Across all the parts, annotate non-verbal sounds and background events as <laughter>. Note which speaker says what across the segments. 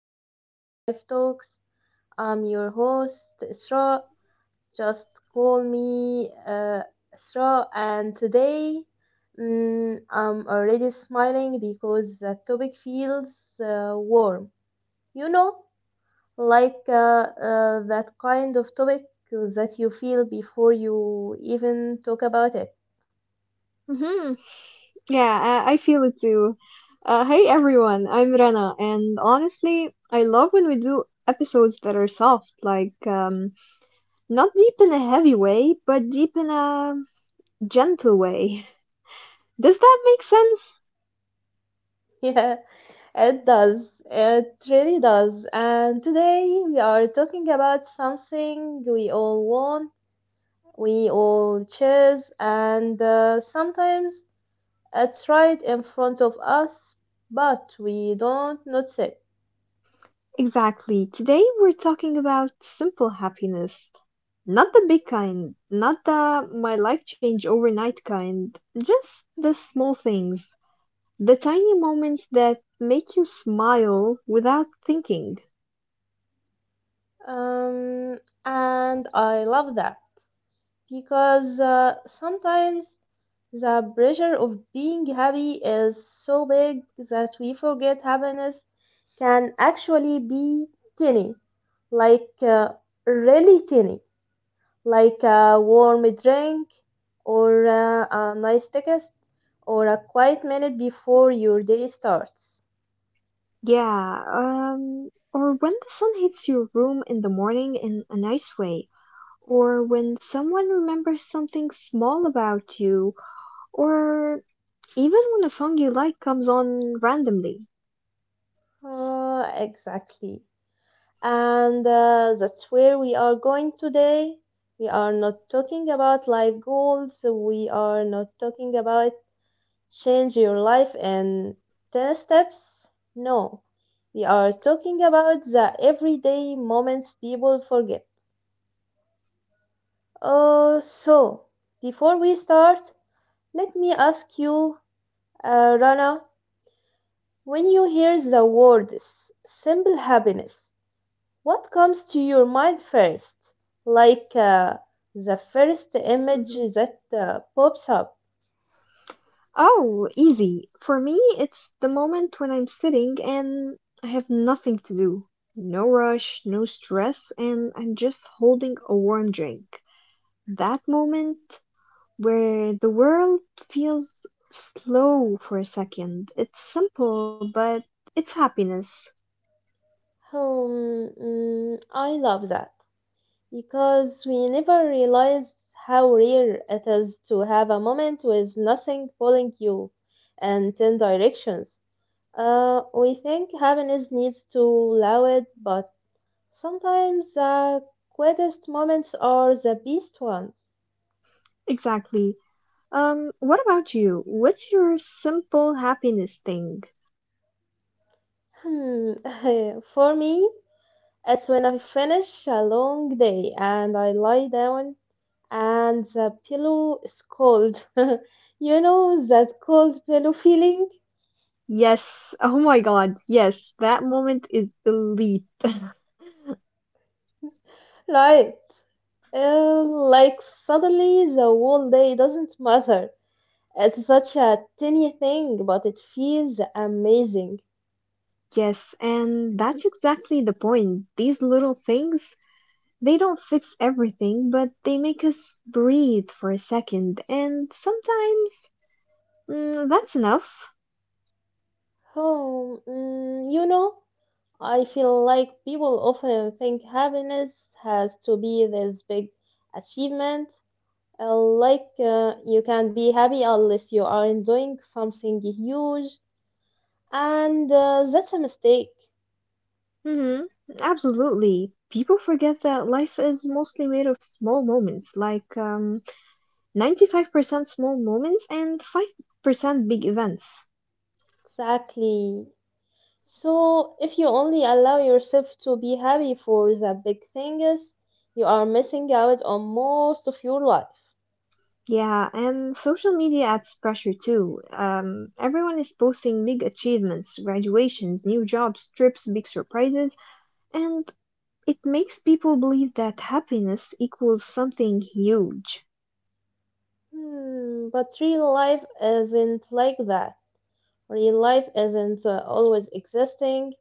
Speaker 1: to Simple Life Talks. I'm your host, Isra. Just call me Isra, and today I'm already smiling because the topic feels warm. You know, like that kind of topic that you feel before you even talk about it.
Speaker 2: hmm Yeah, I feel it too. Hey everyone, I'm Rana, and honestly, I love when we do episodes that are soft, not deep in a heavy way, but deep in a gentle way. Does that make sense?
Speaker 1: <laughs> Yeah. It does. It really does. And today we are talking about something we all want, we all chase, and sometimes it's right in front of us, but we don't notice it.
Speaker 2: Exactly. Today we're talking about simple happiness. Not the big kind, not the my life change overnight kind, just the small things. The tiny moments that make you smile without thinking.
Speaker 1: Um, and I love that. Because sometimes the pressure of being happy is so big that we forget happiness can actually be tiny, like really tiny, like a warm drink or a nice text or a quiet minute before your day starts.
Speaker 2: Yeah, or when the sun hits your room in the morning in a nice way, or when someone remembers something small about you, or even when a song you like comes on randomly.
Speaker 1: Exactly. And that's where we are going today. We are not talking about life goals. We are not talking about change your life in 10 steps. No, we are talking about the everyday moments people forget. Oh, so before we start, let me ask you, Rana, when you hear the word simple happiness, what comes to your mind first? Like the first image
Speaker 2: Mhm.
Speaker 1: that pops up.
Speaker 2: Oh, easy. For me, it's the moment when I'm sitting and I have nothing to do. No rush, no stress, and I'm just holding a warm drink. That moment where the world feels slow for a second. It's simple, but it's happiness.
Speaker 1: I love that because we never realize how rare it is to have a moment with nothing pulling you in 10 directions. We think happiness needs to allow it, but sometimes the quietest moments are the best ones.
Speaker 2: Exactly. What about you? What's your simple happiness thing?
Speaker 1: Hmm, <laughs> for me, it's when I finish a long day and I lie down and the pillow is cold. <laughs> You know that cold pillow feeling?
Speaker 2: Yes. <laughs> Oh my God. Yes. That moment is elite. <laughs>
Speaker 1: Right. Like suddenly the whole day doesn't matter. It's such a tiny thing, but it feels amazing.
Speaker 2: Yes, and that's exactly the point. These little things, they don't fix everything, but they make us breathe for a second, and sometimes that's enough.
Speaker 1: Oh, I feel like people often think happiness has to be this big achievement. Like you can be happy unless you are enjoying something huge, and that's a mistake.
Speaker 2: hmm Absolutely. People forget that life is mostly made of small moments, like 95% small moments and 5% big events.
Speaker 1: Exactly. So if you only allow yourself to be happy for the big things, you are missing out on most of your life.
Speaker 2: Yeah, and social media adds pressure too. Everyone is posting big achievements, graduations, new jobs, trips, big surprises, and it makes people believe that happiness equals something huge.
Speaker 1: But real life isn't like that. Real life isn't always existing.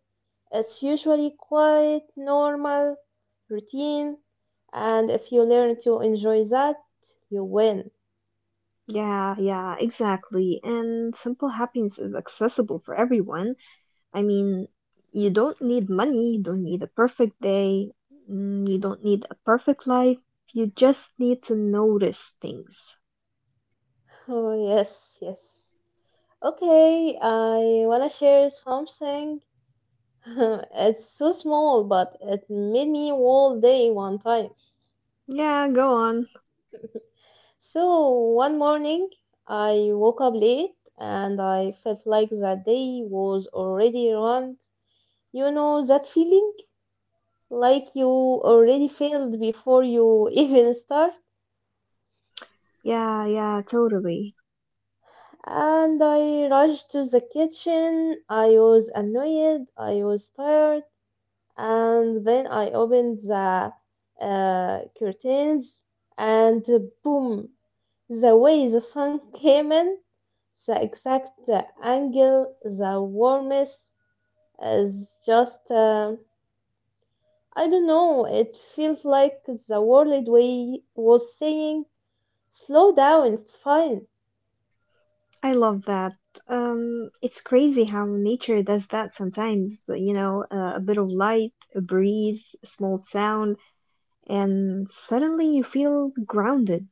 Speaker 1: It's usually quite normal, routine, and if you learn to enjoy that, you win.
Speaker 2: Yeah, yeah, exactly. And simple happiness is accessible for everyone. I mean, you don't need money, you don't need a perfect day, you don't need a perfect life. You just need to notice things.
Speaker 1: Oh, yes, yes. Okay, I want to share something. <laughs> It's so small, but it made me all day one time.
Speaker 2: Yeah, go on.
Speaker 1: So, one morning, I woke up late and I felt like that day was already run. You know that feeling? Like you already failed before you even start.
Speaker 2: Yeah, yeah, totally.
Speaker 1: And I rushed to the kitchen. I was annoyed. I was tired. And then I opened the curtains, and boom! The way the sun <laughs> came in, the exact angle, the warmness is just. I don't know. It feels like the world way was saying, "Slow down, it's fine."
Speaker 2: I love that. It's crazy how nature does that sometimes. A bit of light, a breeze, a small sound, and suddenly you feel grounded.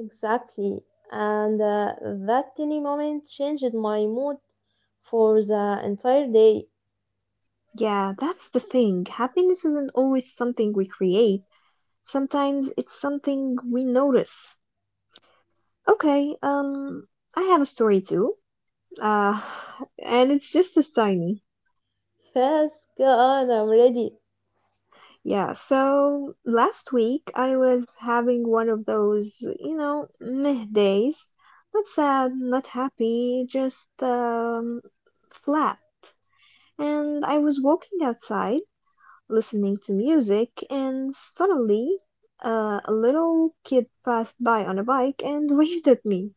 Speaker 1: Exactly. And that tiny moment changed my mood for the entire day.
Speaker 2: Yeah, that's the thing. Happiness isn't always something we create. Sometimes it's something we notice. Okay, I have a story too. Uh, and it's just as tiny.
Speaker 1: Yes, go on, I'm ready.
Speaker 2: Yeah, so last week I was having one of those, meh days. Not sad, not happy, just, flat. And I was walking outside, listening to music, and suddenly, a little kid passed by on a bike and <laughs> waved at me.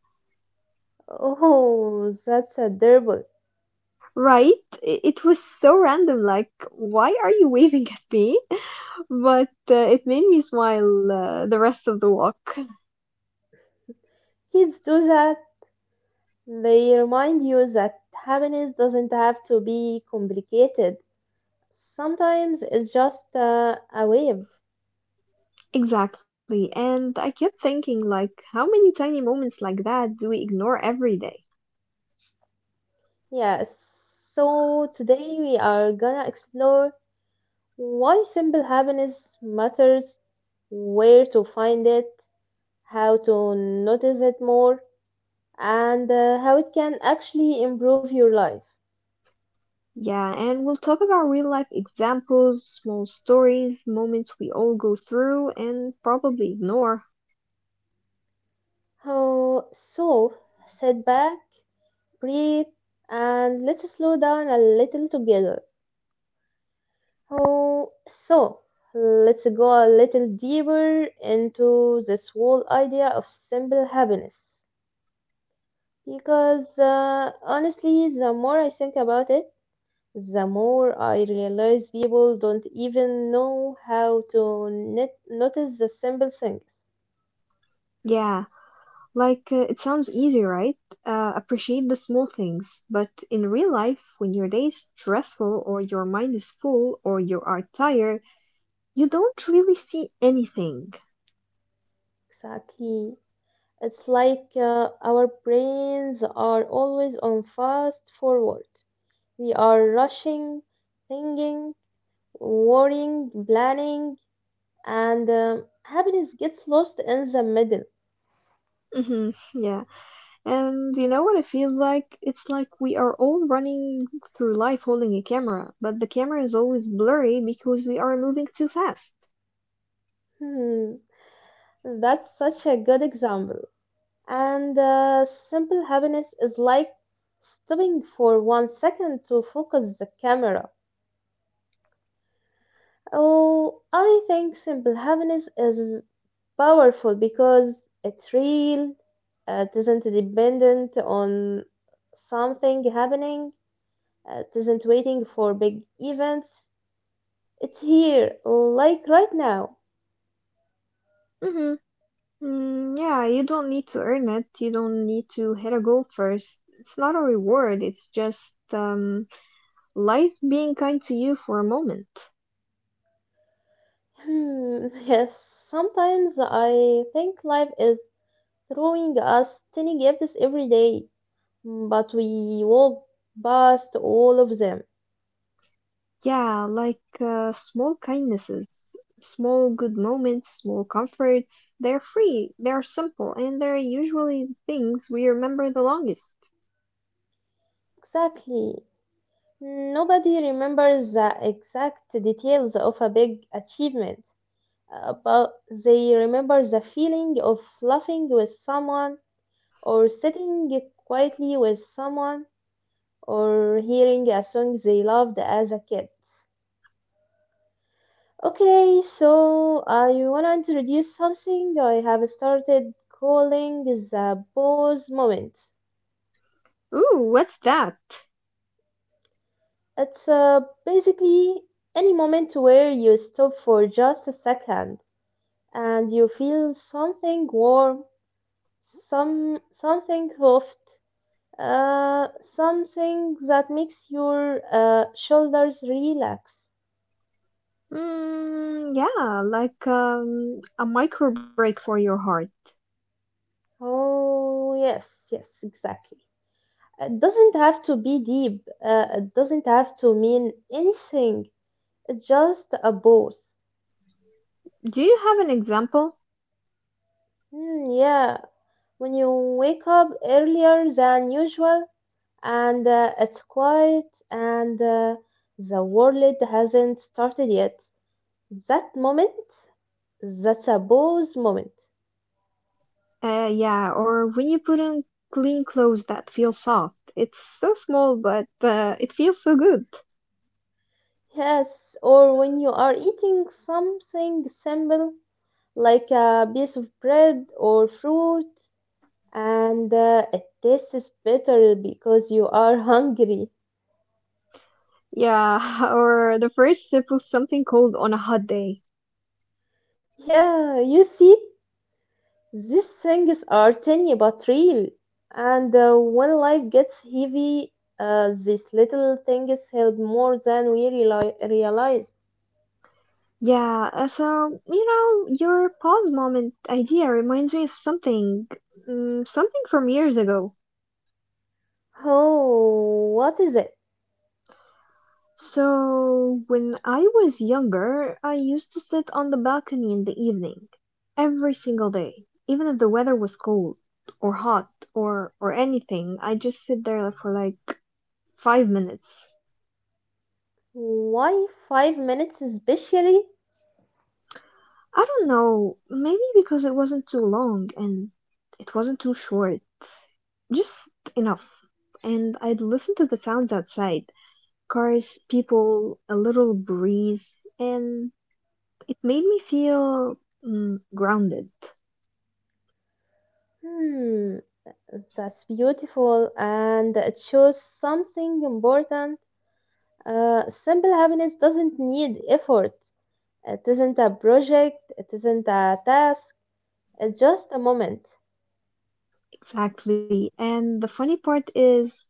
Speaker 1: Oh, that's adorable.
Speaker 2: Right? It was so random, like, why are you waving at me? <laughs> But it made me smile the rest of the walk.
Speaker 1: Kids do that. They remind you that happiness doesn't have to be complicated. Sometimes it's just a wave.
Speaker 2: Exactly. And I kept thinking, like, how many tiny moments like that do we ignore every day?
Speaker 1: Yes, so today we are gonna explore why simple happiness matters, where to find it, how to notice it more, and how it can actually improve your life.
Speaker 2: Yeah, and we'll talk about real life examples, small stories, moments we all go through and probably ignore.
Speaker 1: Oh, so sit back, breathe, and let's slow down a little together. Oh, so let's go a little deeper into this whole idea of simple happiness. Because honestly, the more I think about it, the more I realize people don't even know how to notice the simple things.
Speaker 2: Yeah, like, it sounds easy, right? Appreciate the small things. But in real life, when your day is stressful, or your mind is full, or you are tired, you don't really see anything.
Speaker 1: Exactly. It's like our brains are always on fast forward. We are rushing, thinking, worrying, planning, and happiness gets lost in the middle.
Speaker 2: Yeah. And you know what it feels like? It's like we are all running through life holding a camera, but the camera is always blurry because we are moving too fast.
Speaker 1: Hmm, that's such a good example. And simple happiness is like stopping for 1 second to focus the camera. Oh, I think simple happiness is powerful because it's real. It isn't dependent on something happening. It isn't waiting for big events. It's here, like right now.
Speaker 2: hmm Mm, yeah, you don't need to earn it. You don't need to hit a goal first. It's not a reward. It's just life being kind to you for a moment.
Speaker 1: <laughs> Yes, sometimes I think life is throwing us tiny gifts every day. But we walked past all of them.
Speaker 2: Yeah, like small kindnesses, small good moments, small comforts. They're free, they're simple, and they're usually the things we remember the longest.
Speaker 1: Exactly. Nobody remembers the exact details of a big achievement, but they remember the feeling of laughing with someone, or sitting quietly with someone, or hearing a song they loved as a kid. Okay, so I want to introduce something I have started calling the pause moment.
Speaker 2: Ooh, what's that?
Speaker 1: It's basically any moment where you stop for just a second and you feel something warm, something soft, uh, something that makes your shoulders relax.
Speaker 2: Mm, yeah, like a micro break for your heart.
Speaker 1: Oh yes, yes, exactly. It doesn't have to be deep. It doesn't have to mean anything. It's just a pause.
Speaker 2: Do you have an example?
Speaker 1: Hmm, yeah, when you wake up earlier than usual and it's quiet and the world hasn't started yet. That moment, that's a pause moment.
Speaker 2: Yeah, or when you put on clean clothes that feel soft. It's so small, but it feels so good.
Speaker 1: Yes, or when you are eating something simple like a piece of bread or fruit and it tastes better because you are hungry.
Speaker 2: Yeah, <laughs> or the first sip of something cold on a hot day.
Speaker 1: Yeah, you see? These things are tiny but real, and when life gets heavy, these little things help more than we realize.
Speaker 2: Yeah, so, your pause moment idea reminds me of something, something from years ago.
Speaker 1: Oh, what is it?
Speaker 2: So, when I was younger, I used to sit on the balcony in the evening, every single day, even if the weather was cold or hot or anything. I just sit there for like 5 minutes.
Speaker 1: Why 5 minutes especially?
Speaker 2: I don't know, maybe because it wasn't too long and it wasn't too short. Just enough. And I'd listen to the sounds outside cars, people, a little breeze, and it made me feel grounded.
Speaker 1: Hmm, that's beautiful, and it shows something important. Simple happiness doesn't need effort. It isn't a project, it isn't a task, it's just a moment.
Speaker 2: Exactly. And the funny part is,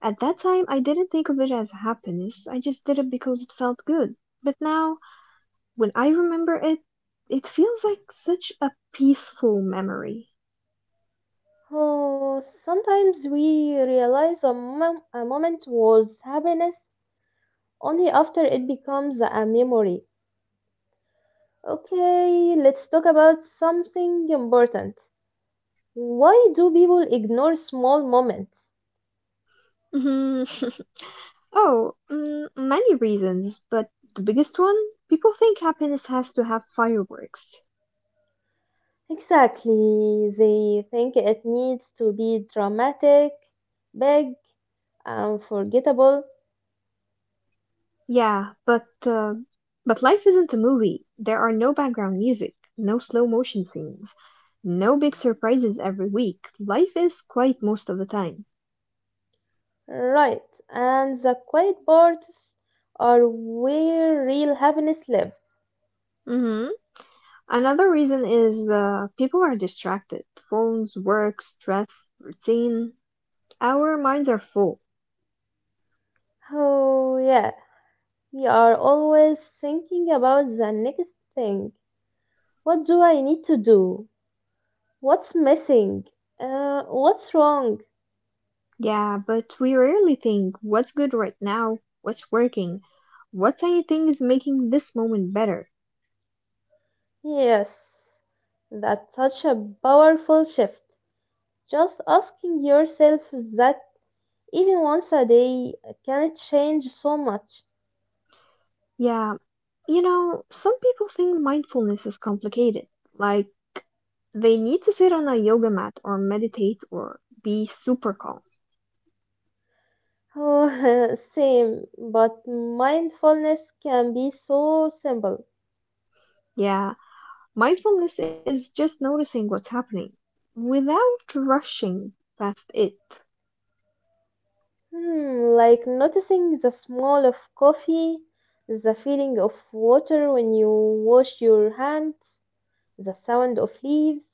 Speaker 2: at that time, I didn't think of it as happiness. I just did it because it felt good. But now, when I remember it, it feels like such a peaceful memory.
Speaker 1: Oh, sometimes we realize a moment was happiness only after it becomes a memory. Okay, let's talk about something important. Why do people ignore small moments?
Speaker 2: Mhm. <laughs> Oh, many reasons, but the biggest one, people think happiness has to have fireworks.
Speaker 1: Exactly, they think it needs to be dramatic, big, unforgettable.
Speaker 2: Yeah, but but life isn't a movie. There are no background music, no slow motion scenes, no big surprises every week. Life is quiet most of the time.
Speaker 1: Right, and the quiet parts are where real happiness lives.
Speaker 2: hmm Another reason is people are distracted. Phones, work, stress, routine. Our minds are full.
Speaker 1: Oh, yes. We are always thinking about the next thing. What do I need to do? What's missing? What's wrong?
Speaker 2: Yeah, but we rarely think what's good right now, what's working, what tiny thing is making this moment better.
Speaker 1: Yes, that's such a powerful shift. Just asking yourself that even once a day can it change so much.
Speaker 2: Yeah, some people think mindfulness is complicated. Like, they need to sit on a yoga mat or meditate or be super calm.
Speaker 1: Oh, <laughs> same, but mindfulness can be so simple.
Speaker 2: Yeah, mindfulness is just noticing what's happening without rushing past it.
Speaker 1: Like noticing the smell of coffee, the feeling of water when you wash your hands, the sound of leaves,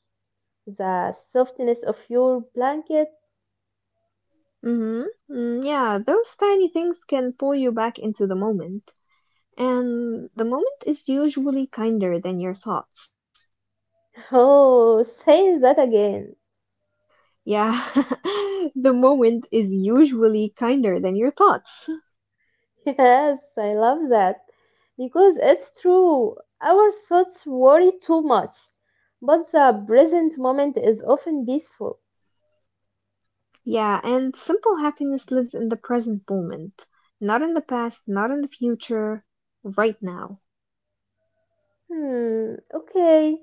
Speaker 1: the softness of your blanket.
Speaker 2: Mm-hmm. Mm, yeah, those tiny things can pull you back into the moment. And the moment is usually kinder than your thoughts.
Speaker 1: <laughs> Oh, say that again.
Speaker 2: Yeah, <laughs> the moment is usually kinder than your thoughts.
Speaker 1: <laughs> Yes, I love that. Because it's true. Our thoughts worry too much, but the present moment is often peaceful.
Speaker 2: Yeah, and simple happiness lives in the present moment, not in the past, not in the future, right now.
Speaker 1: Okay.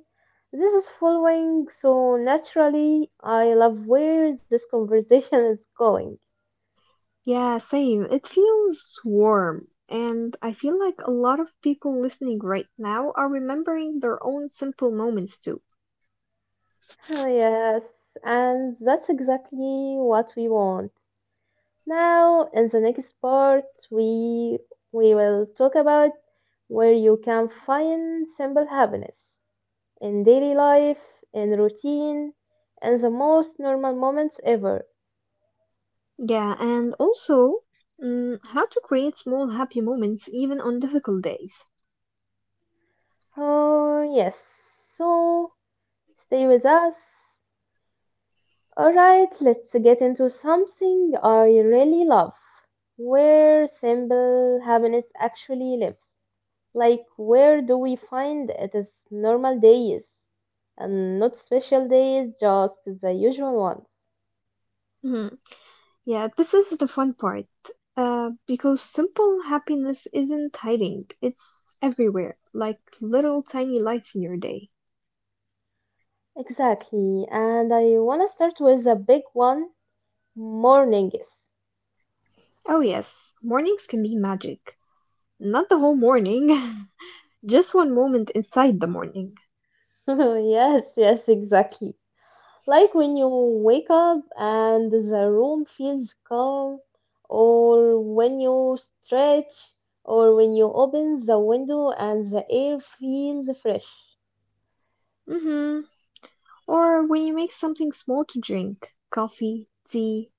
Speaker 1: This is following, so naturally, I love where this conversation is going.
Speaker 2: Yeah, same. It feels warm. And I feel like a lot of people listening right now are remembering their own simple moments too.
Speaker 1: Ah, yes, and that's exactly what we want. Now, in the next part, we will talk about where you can find simple happiness in daily life, in routine, and the most normal moments ever.
Speaker 2: Yeah, and also how to create small happy moments even on difficult days.
Speaker 1: Oh, yes. So, stay with us. All right, let's get into something I really love, where simple happiness actually lives. Like, where do we find it is normal days and not special days, just the usual ones?
Speaker 2: Mhm. Yeah, this is the fun part. Because simple happiness isn't hiding, it's everywhere, like little tiny lights in your day.
Speaker 1: Exactly, and I want to start with a big one: mornings.
Speaker 2: Oh, yes, mornings can be magic. Not the whole morning, <laughs> just one moment inside the morning.
Speaker 1: <laughs> Yes, yes, exactly. Like when you wake up and the room feels calm, or when you stretch, or when you open the window and the air feels fresh.
Speaker 2: hmm Or when you make something small to drink coffee, tea,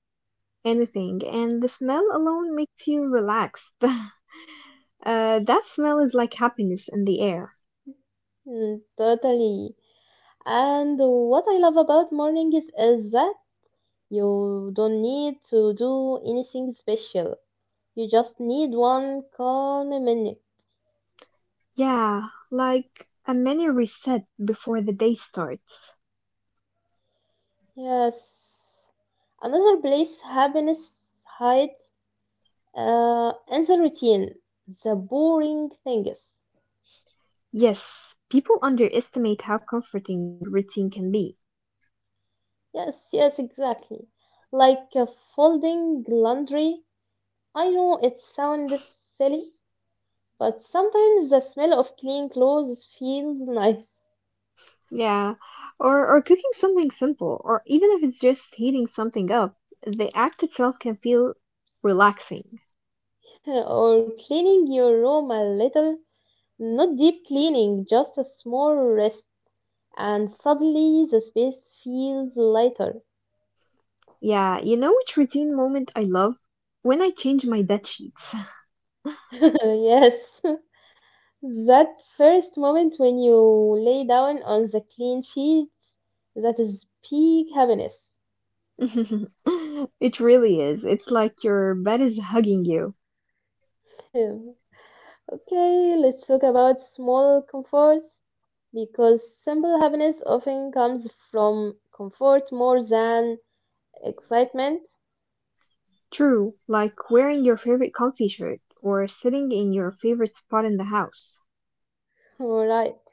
Speaker 2: anything, and the smell alone makes you relaxed. <laughs> That smell is like happiness in the air.
Speaker 1: Mm, totally. And what I love about mornings is that you don't need to do anything special. You just need one calm minute.
Speaker 2: Yeah, like a mini reset before the day starts.
Speaker 1: Yes. Another place happiness hides. And the routine, the boring things.
Speaker 2: Yes, people underestimate how comforting routine can be.
Speaker 1: Yes, yes, exactly. Like folding laundry. I know it sounds silly, but sometimes the smell of clean clothes feels nice.
Speaker 2: Yeah, or cooking something simple, or even if it's just heating something up, the act itself can feel relaxing.
Speaker 1: <laughs> Or cleaning your room a little, not deep cleaning, just a small rest, and suddenly the space feels lighter.
Speaker 2: Yeah, you know which routine moment I love? When I change my bed sheets.
Speaker 1: <laughs> Yes. That first moment when you lay down on the clean sheets, that is peak happiness. <laughs>
Speaker 2: <laughs> It really is. It's like your bed is hugging you.
Speaker 1: Hmm. Okay, let's talk about small comforts because simple happiness often comes from comfort more than excitement.
Speaker 2: True, like wearing your favorite comfy shirt or sitting in your favorite spot in the house.
Speaker 1: <laughs> Alright.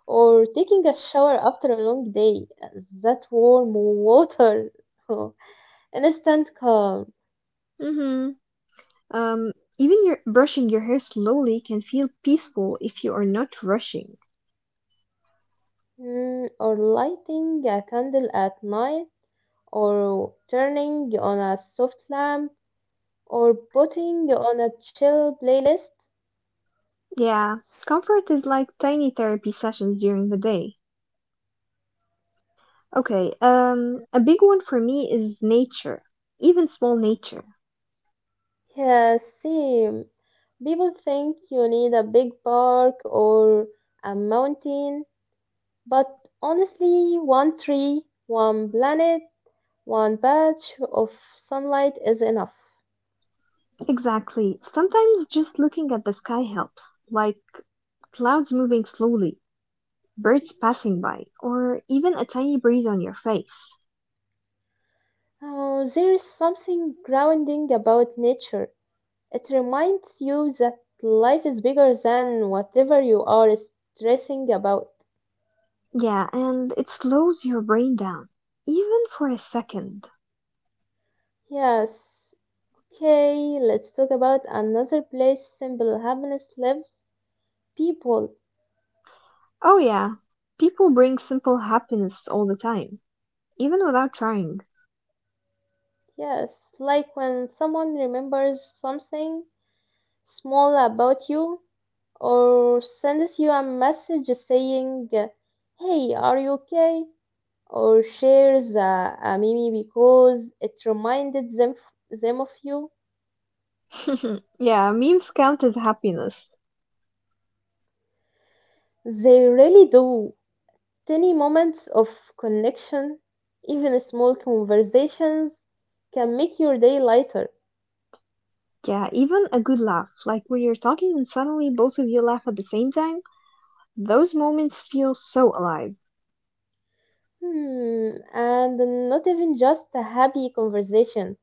Speaker 1: Or taking a shower after a long day. That warm water. <laughs> Instant calm.
Speaker 2: Mhm. Um, Even your brushing your hair slowly can feel peaceful if you are not rushing.
Speaker 1: Or lighting a candle at night or turning on a soft lamp, or putting on a chill playlist.
Speaker 2: Yeah, comfort is like tiny therapy sessions during the day. Okay, a big one for me is nature, even small nature.
Speaker 1: Yeah, see, people think you need a big park or a mountain, but honestly, one tree, one planet, one patch of sunlight is enough.
Speaker 2: Exactly. Sometimes just looking at the sky helps, like clouds moving slowly, birds passing by, or even a tiny breeze on your face.
Speaker 1: Oh, there is something grounding about nature. It reminds you that life is bigger than whatever you are stressing about.
Speaker 2: Yeah, and it slows your brain down, even for a second.
Speaker 1: Yes. Okay, let's talk about another place simple happiness lives: people.
Speaker 2: Oh, yeah, people bring simple happiness all the time, even without trying.
Speaker 1: Yes, like when someone remembers something small about you or sends you a message saying, "Hey, are you okay?" Or shares a meme because it reminded them of you.
Speaker 2: <laughs> Yeah, memes count as happiness.
Speaker 1: They really do. Tiny moments of connection, even small conversations, can make your day lighter.
Speaker 2: Yeah, even a good laugh, like when you're talking and suddenly both of you laugh at the same time, those moments feel so alive.
Speaker 1: And not even just a happy conversation.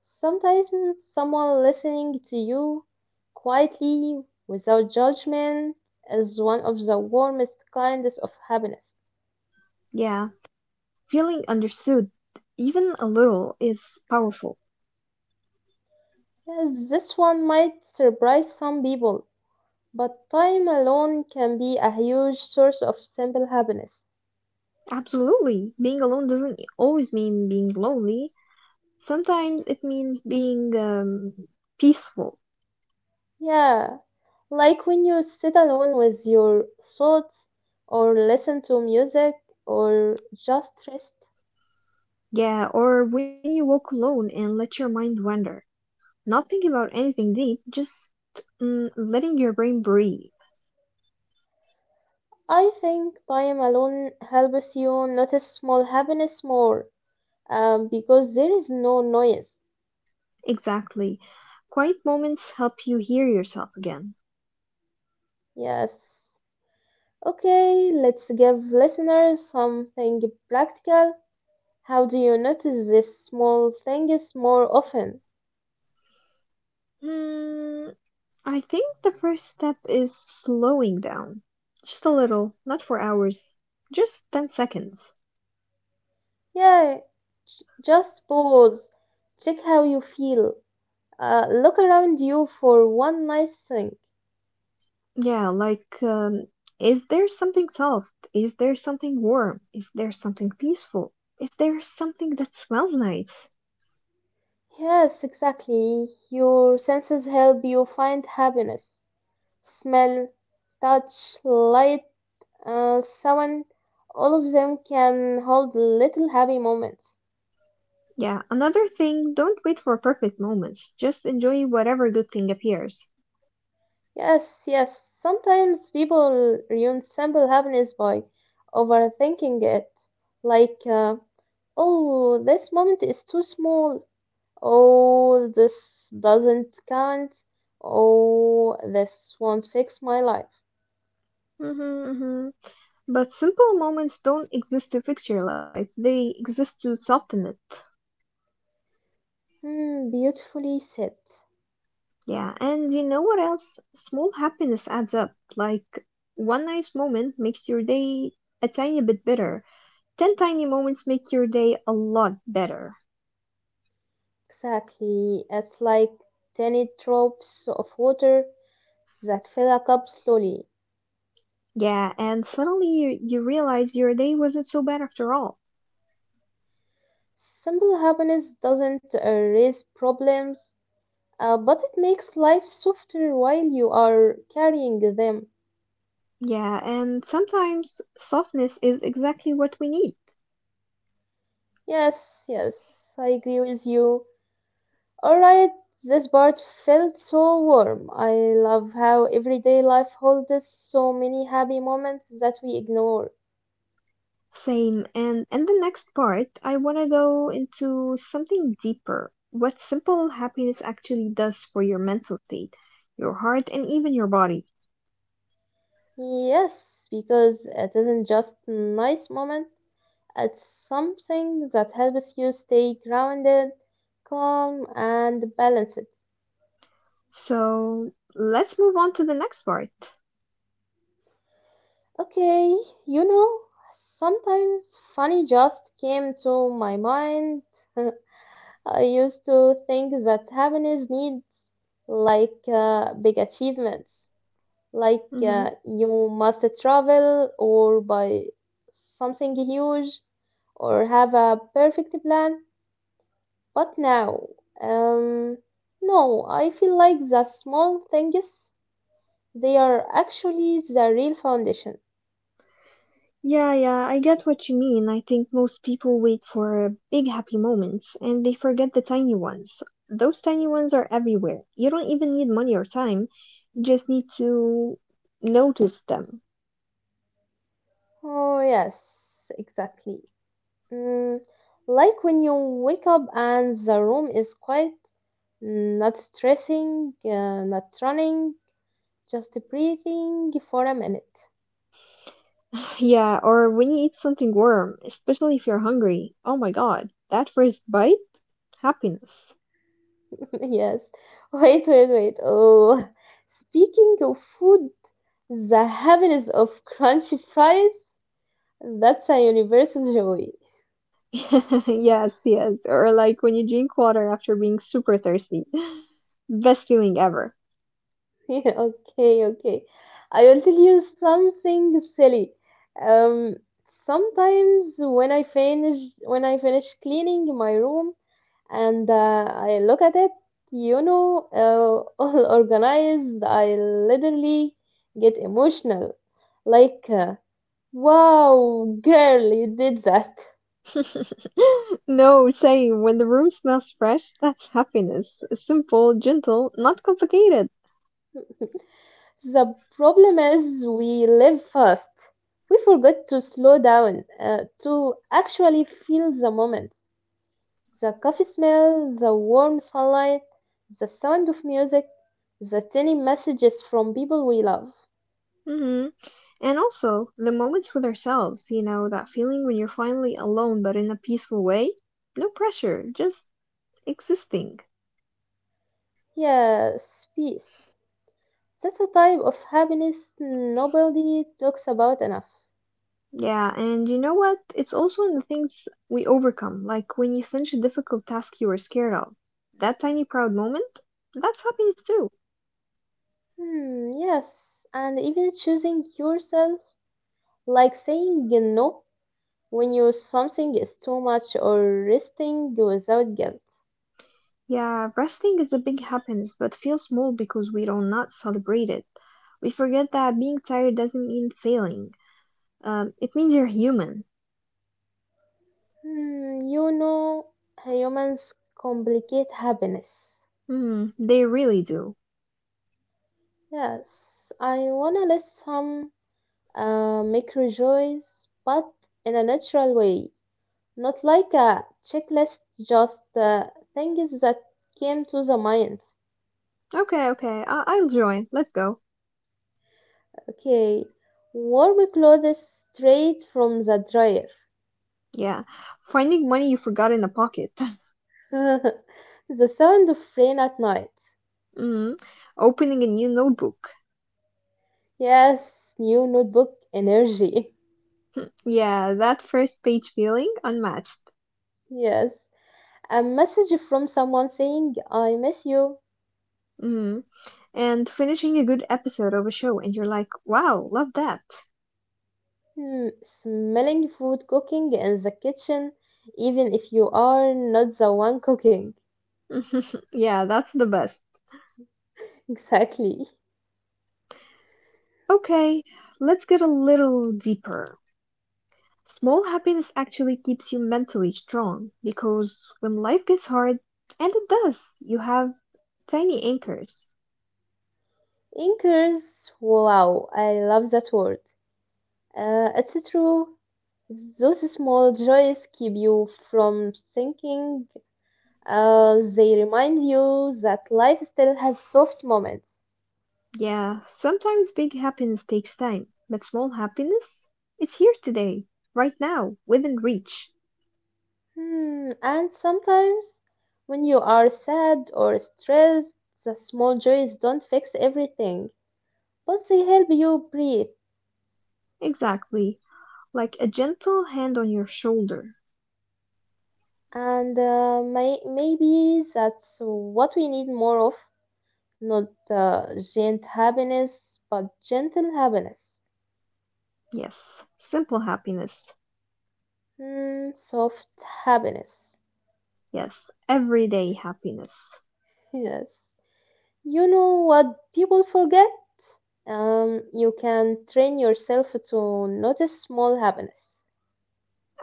Speaker 1: Sometimes someone listening to you quietly, without judgment, is one of the warmest kinds of happiness.
Speaker 2: Yeah, feeling understood, even a little, is powerful.
Speaker 1: Yes, this one might surprise some people, but time alone can be a huge source of simple happiness.
Speaker 2: Absolutely, being alone doesn't always mean being lonely. Sometimes it means being peaceful.
Speaker 1: Yeah, like when you sit alone with your thoughts, or listen to music, or just rest.
Speaker 2: Yeah, or when you walk alone and let your mind wander. Not thinking about anything deep, just letting your brain breathe.
Speaker 1: I think time alone helps you notice small happiness more because there is no noise.
Speaker 2: Exactly. Quiet moments help you hear yourself again.
Speaker 1: Yes. Okay, let's give listeners something practical. How do you notice these small things more often?
Speaker 2: Mm, I think the first step is slowing down. Just a little, not for hours, just 10 seconds.
Speaker 1: Yeah, just pause. Check how you feel. Look around you for one nice thing.
Speaker 2: Yeah, like, is there something soft? Is there something warm? Is there something peaceful? Is there something that smells nice?
Speaker 1: Yes, exactly. Your senses help you find happiness. Smell, touch, light, sound, all of them can hold little happy moments.
Speaker 2: Yeah, another thing, don't wait for perfect moments. Just enjoy whatever good thing appears.
Speaker 1: Yes, yes, sometimes people ruin simple happiness by overthinking it. Like, oh, this moment is too small. Oh, this doesn't count. Oh, this won't fix my life.
Speaker 2: Mm-hmm, mm-hmm. But simple moments don't exist to fix your life, they exist to soften it.
Speaker 1: Hmm, beautifully said.
Speaker 2: Yeah, and you know what else? Small happiness adds up. Like, one nice moment makes your day a tiny bit better. 10 tiny moments make your day a lot better.
Speaker 1: Exactly. It's like tiny drops of water that fill a cup slowly.
Speaker 2: Yeah, and suddenly you realize your day wasn't so bad after all.
Speaker 1: Simple happiness doesn't erase problems, but it makes life softer while you are carrying them.
Speaker 2: Yeah, and sometimes softness is exactly what we need.
Speaker 1: Yes, yes, I agree with you. Alright, this part felt so warm. I love how everyday life holds us so many happy moments that we ignore.
Speaker 2: Same, and in the next part, I want to go into something deeper, what simple happiness actually does for your mental state, your heart, and even your body.
Speaker 1: Yes, because it isn't just nice moment. It's something that helps you stay grounded, calm, and balanced.
Speaker 2: So let's move on to the next part.
Speaker 1: Okay, you know, sometimes funny just came to my mind. <laughs> I used to think that happiness needs like big achievements, like
Speaker 2: Mhm.
Speaker 1: you must travel or buy something huge or have a perfect plan. But now, um, no, I feel like the small things, they are actually the real foundation.
Speaker 2: Yeah, yeah, I get what you mean. I think most people wait for big happy moments and they forget the tiny ones. Those tiny ones are everywhere. You don't even need money or time, you just need to notice them.
Speaker 1: Oh, yes, exactly. Mm, like when you wake up and the room is quiet, not stressing, not running, just breathing for a minute.
Speaker 2: <sighs> Yeah, or when you eat something warm, especially if you're hungry. Oh my God, that first bite? Happiness.
Speaker 1: <laughs> Yes. Wait, wait, wait. Oh, speaking of food, the heaviness of <laughs> crunchy fries, that's a universal joy.
Speaker 2: <laughs> Yes, yes. Or like when you drink water after being super thirsty. <gasps> <laughs> Best feeling ever.
Speaker 1: <laughs> Okay, okay. I will tell you something silly. Um, Sometimes when I finish cleaning my room and I look at it, you know, <laughs> all organized, I literally get emotional. Like, wow, girl, you did that.
Speaker 2: <laughs> No, same. When the room smells fresh, that's happiness. Simple, gentle, not complicated.
Speaker 1: The problem is we live fast. We forget to slow down, to actually feel the moment. The coffee smell, the warm sunlight, the sound of music, the tiny messages from people we love.
Speaker 2: Hmm. And also, the moments with ourselves, you know, that feeling when you're finally alone but in a peaceful way. No pressure, just existing.
Speaker 1: Yes, peace. That's a type of happiness nobody talks about enough.
Speaker 2: Yeah, and you know what? It's also in the things we overcome, like when you finish a difficult task you were scared of. That tiny proud moment, that's happiness too.
Speaker 1: Hmm, yes, and even choosing yourself, like saying no when you something is too much or resting without guilt.
Speaker 2: Yeah, resting is a big happiness, but feels small because we do not celebrate it. We forget that being tired doesn't mean failing. It means you're human.
Speaker 1: Hmm, you know, humans complicate happiness.
Speaker 2: Hmm, they really do.
Speaker 1: Yes, I wanna list some make rejoice, but in a natural way, not like a checklist, just things that came to the mind.
Speaker 2: Okay, okay, I'll join. Let's go.
Speaker 1: Okay, warm clothes straight from the dryer.
Speaker 2: Yeah, finding money you forgot in a pocket. <laughs>
Speaker 1: <laughs> The sound of rain at night.
Speaker 2: Mm, opening a new notebook.
Speaker 1: Yes, new notebook energy. <laughs>
Speaker 2: Yeah, that first page feeling, unmatched.
Speaker 1: Yes, a message from someone saying, I miss you.
Speaker 2: Mm, and finishing a good episode of a show, and you're like, wow, love that.
Speaker 1: Hmm, smelling food cooking in the kitchen, even if you are not the one cooking.
Speaker 2: <laughs> Yeah, that's the best.
Speaker 1: Exactly.
Speaker 2: Okay, let's get a little deeper. Small happiness actually keeps you mentally strong because when life gets hard, and it does, you have tiny anchors.
Speaker 1: Anchors, wow, I love that word. It's true. Those small joys keep you from sinking. They remind you that life still has soft moments.
Speaker 2: Yeah, sometimes big happiness takes time, but small happiness? It's here today, right now, within reach.
Speaker 1: Hmm, and sometimes when you are sad or stressed, the small joys don't fix everything, but they help you breathe.
Speaker 2: Exactly, like a gentle hand on your shoulder.
Speaker 1: And maybe that's what we need more of. Not giant happiness, but gentle happiness.
Speaker 2: Yes, simple happiness.
Speaker 1: Hmm, soft happiness.
Speaker 2: Yes, everyday happiness.
Speaker 1: <laughs> Yes. You know what people forget? You can train yourself to notice small happiness.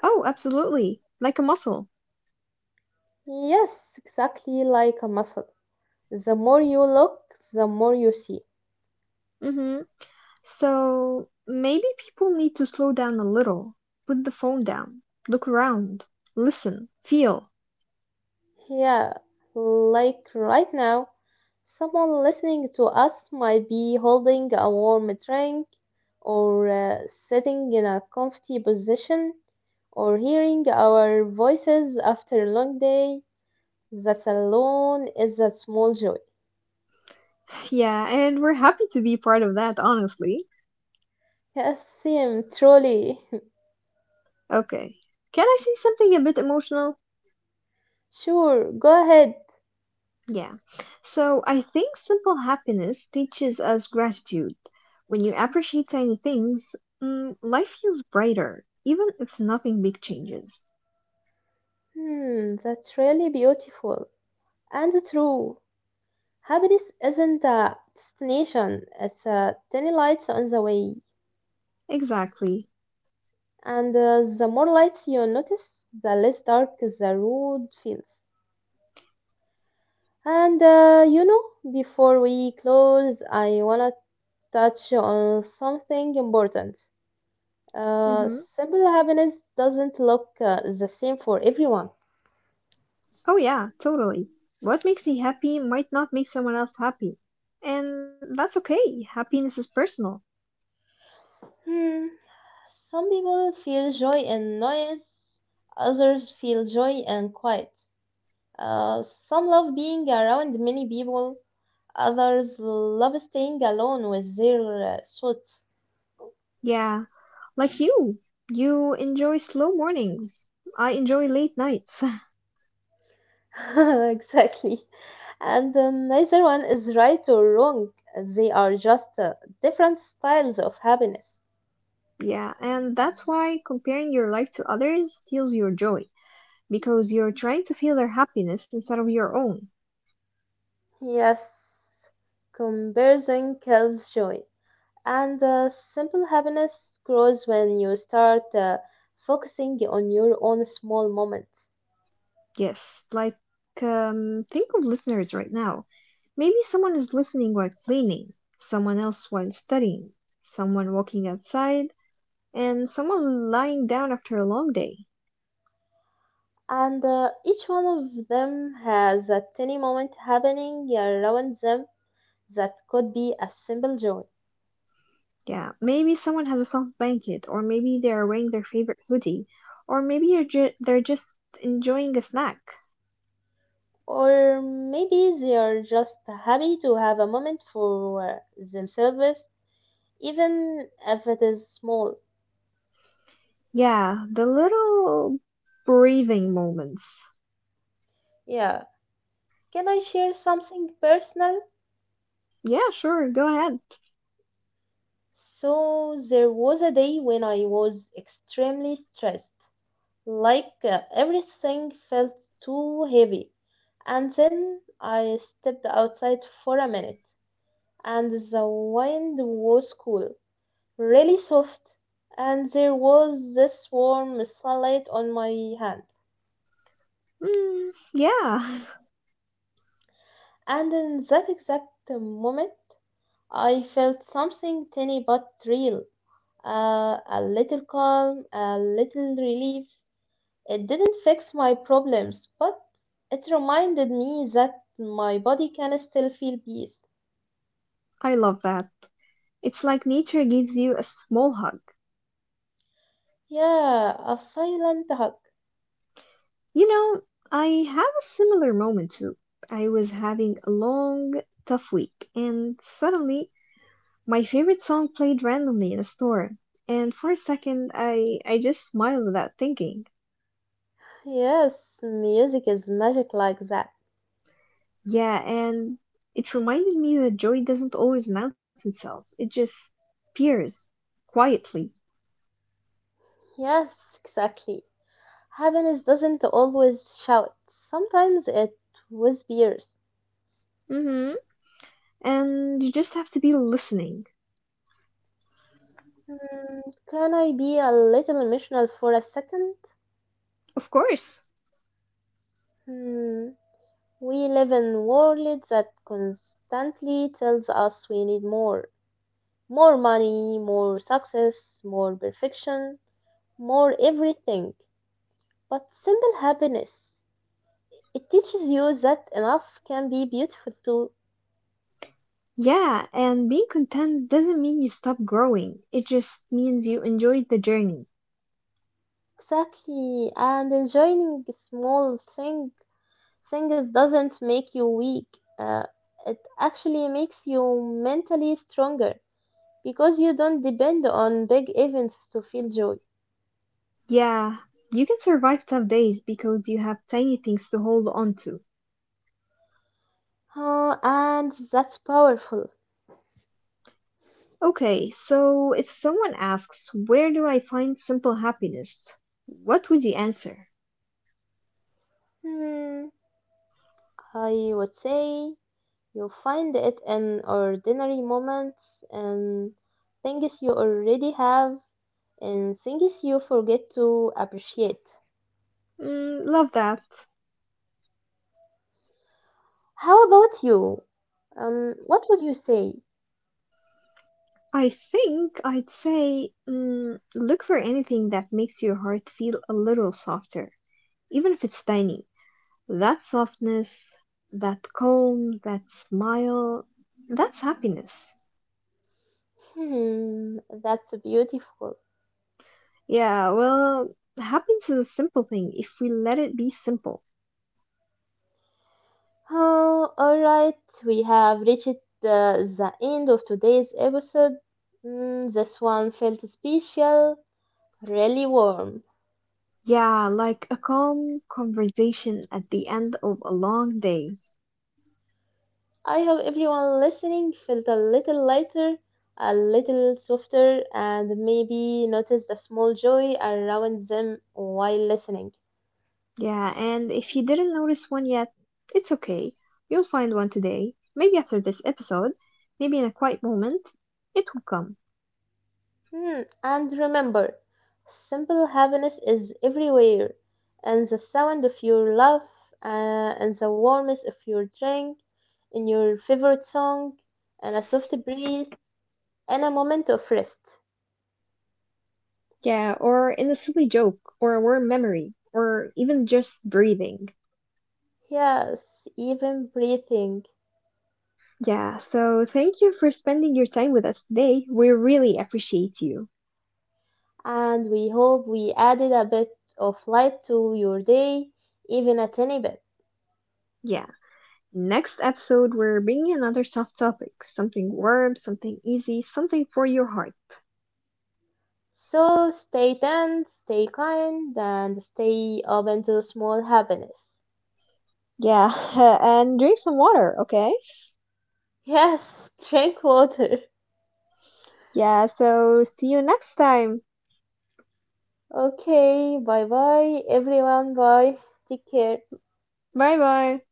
Speaker 2: Oh, absolutely, like a muscle.
Speaker 1: Yes, exactly like a muscle. The more you look, the more you see.
Speaker 2: Mm hmm. So maybe people need to slow down a little, put the phone down, look around, listen, feel. <laughs>
Speaker 1: Yeah, like right now, someone listening to us might be holding a warm drink or sitting in a comfy position, or hearing our voices after a long day. That alone is a small joy.
Speaker 2: Yeah, and we're happy to be part of that, honestly.
Speaker 1: Yes, Sim, truly. <laughs>
Speaker 2: Okay, can I say something a bit emotional?
Speaker 1: Sure, go ahead.
Speaker 2: Yeah. So I think simple happiness teaches us gratitude. When you appreciate tiny things, mm, life feels brighter, even if nothing big changes.
Speaker 1: Hmm, that's really beautiful and true. Happiness isn't a destination, it's a tiny light on the way.
Speaker 2: Exactly.
Speaker 1: And the more lights you notice, the less dark the road feels. And you know, before we close, I wanna touch on something important. Uh,
Speaker 2: Hmm.
Speaker 1: Simple happiness doesn't look the same for everyone.
Speaker 2: Oh yeah, totally. What makes me happy might not make someone else happy. And that's okay. Happiness is personal.
Speaker 1: Hmm. Some people feel joy in noise, others feel joy in quiet. Some love being around many people, others love staying alone with their thoughts.
Speaker 2: Yeah, like you. You enjoy slow mornings. I enjoy late nights.
Speaker 1: <laughs> Exactly. And neither one is right or wrong. They are just different styles of happiness.
Speaker 2: <laughs> Yeah, and that's why comparing your life to others steals your joy. Because you're trying to feel their happiness instead of your own.
Speaker 1: Yes, comparison kills joy. And simple happiness grows when you start focusing on your own small moments.
Speaker 2: Yes, like, think of listeners right now. Maybe someone is listening while cleaning, someone else while studying, someone walking outside, and someone lying down after a long day.
Speaker 1: And each one of them has a tiny moment happening around them that could be a simple joy.
Speaker 2: Yeah, maybe someone has a soft blanket, or maybe they are wearing their favorite hoodie, or they're just enjoying a snack.
Speaker 1: Or maybe they are just happy to have a moment for themselves, even if it is small.
Speaker 2: Yeah, the little breathing moments.
Speaker 1: Yeah. Can I share something personal?
Speaker 2: Yeah, sure, go ahead.
Speaker 1: So, there was a day when I was extremely stressed. Like everything felt too heavy. And then I stepped outside for a minute, and the wind was cool. Really soft, and there was this warm sunlight on my hand.
Speaker 2: Mm, yeah,
Speaker 1: And in that exact moment, I felt something tiny but real. A little calm, a little relief. It didn't fix my problems, but it reminded me that my body can still feel peace.
Speaker 2: <laughs> I love that. It's like nature gives you a small hug.
Speaker 1: Yeah, a silent hug.
Speaker 2: You know, I have a similar moment too. I was having a long, tough week, and suddenly my favorite song played randomly in a store, and for a second I just smiled without thinking.
Speaker 1: Yes, music is magic like that.
Speaker 2: Yeah, and it reminded me that joy doesn't always announce itself. It just appears quietly.
Speaker 1: Yes, exactly. Happiness doesn't always shout. Sometimes it whispers.
Speaker 2: Mm-hmm. And you just have to be listening.
Speaker 1: Hmm, can I be a little emotional for a second?
Speaker 2: Of course.
Speaker 1: Hmm, we live in a world that constantly tells us we need more. More money, more success, more perfection, more everything. But simple happiness, it teaches you that enough can be beautiful too.
Speaker 2: Yeah, and being content doesn't mean you stop growing. It just means you enjoyed the journey.
Speaker 1: Exactly, and enjoying small things. Things doesn't make you weak. Uh, it actually makes you mentally stronger because you don't depend on big events to feel joy.
Speaker 2: Yeah, you can survive tough days because you have tiny things to hold on to.
Speaker 1: And that's powerful.
Speaker 2: Okay, so if someone asks, where do I find simple happiness? What would you answer?
Speaker 1: Hmm, I would say you find it in ordinary moments and things you already have and things you forget to appreciate.
Speaker 2: Mm, love that.
Speaker 1: How about you? What would you say?
Speaker 2: I think I'd say mm, look for anything that makes your heart feel a little softer, even if it's tiny. That softness, that calm, that smile, that's happiness.
Speaker 1: Hmm, that's beautiful.
Speaker 2: Yeah, well, happiness is a simple thing if we let it be simple.
Speaker 1: Oh, all right, we have reached the end of today's episode. Mm, this one felt special, really warm.
Speaker 2: Yeah, like a calm conversation at the end of a long day.
Speaker 1: I hope everyone listening felt a little lighter, a little softer, and maybe noticed the small joy around them while listening.
Speaker 2: Yeah, and if you didn't notice one yet, it's okay. You'll find one today. Maybe after this episode, maybe in a quiet moment, it will come.
Speaker 1: Hmm, and remember, simple happiness is everywhere, and the sound of your laugh, uh, and the warmth of your drink, in your favorite song, and a soft breeze, and a moment of rest.
Speaker 2: Yeah, or in a silly joke, or a warm memory, or even just breathing.
Speaker 1: Yes, even breathing.
Speaker 2: Yeah, so thank you for spending your time with us today. We really appreciate you.
Speaker 1: And we hope we added a bit of light to your day, even a tiny bit.
Speaker 2: Yeah. Next episode, we're bringing another soft topic, something warm, something easy, something for your heart.
Speaker 1: So stay tuned, stay kind, and stay open to small happiness.
Speaker 2: Yeah, <laughs> and drink some water, okay?
Speaker 1: Yes, drink water.
Speaker 2: Yeah, so see you next time.
Speaker 1: Okay, bye bye everyone. Bye. Take care.
Speaker 2: Bye bye.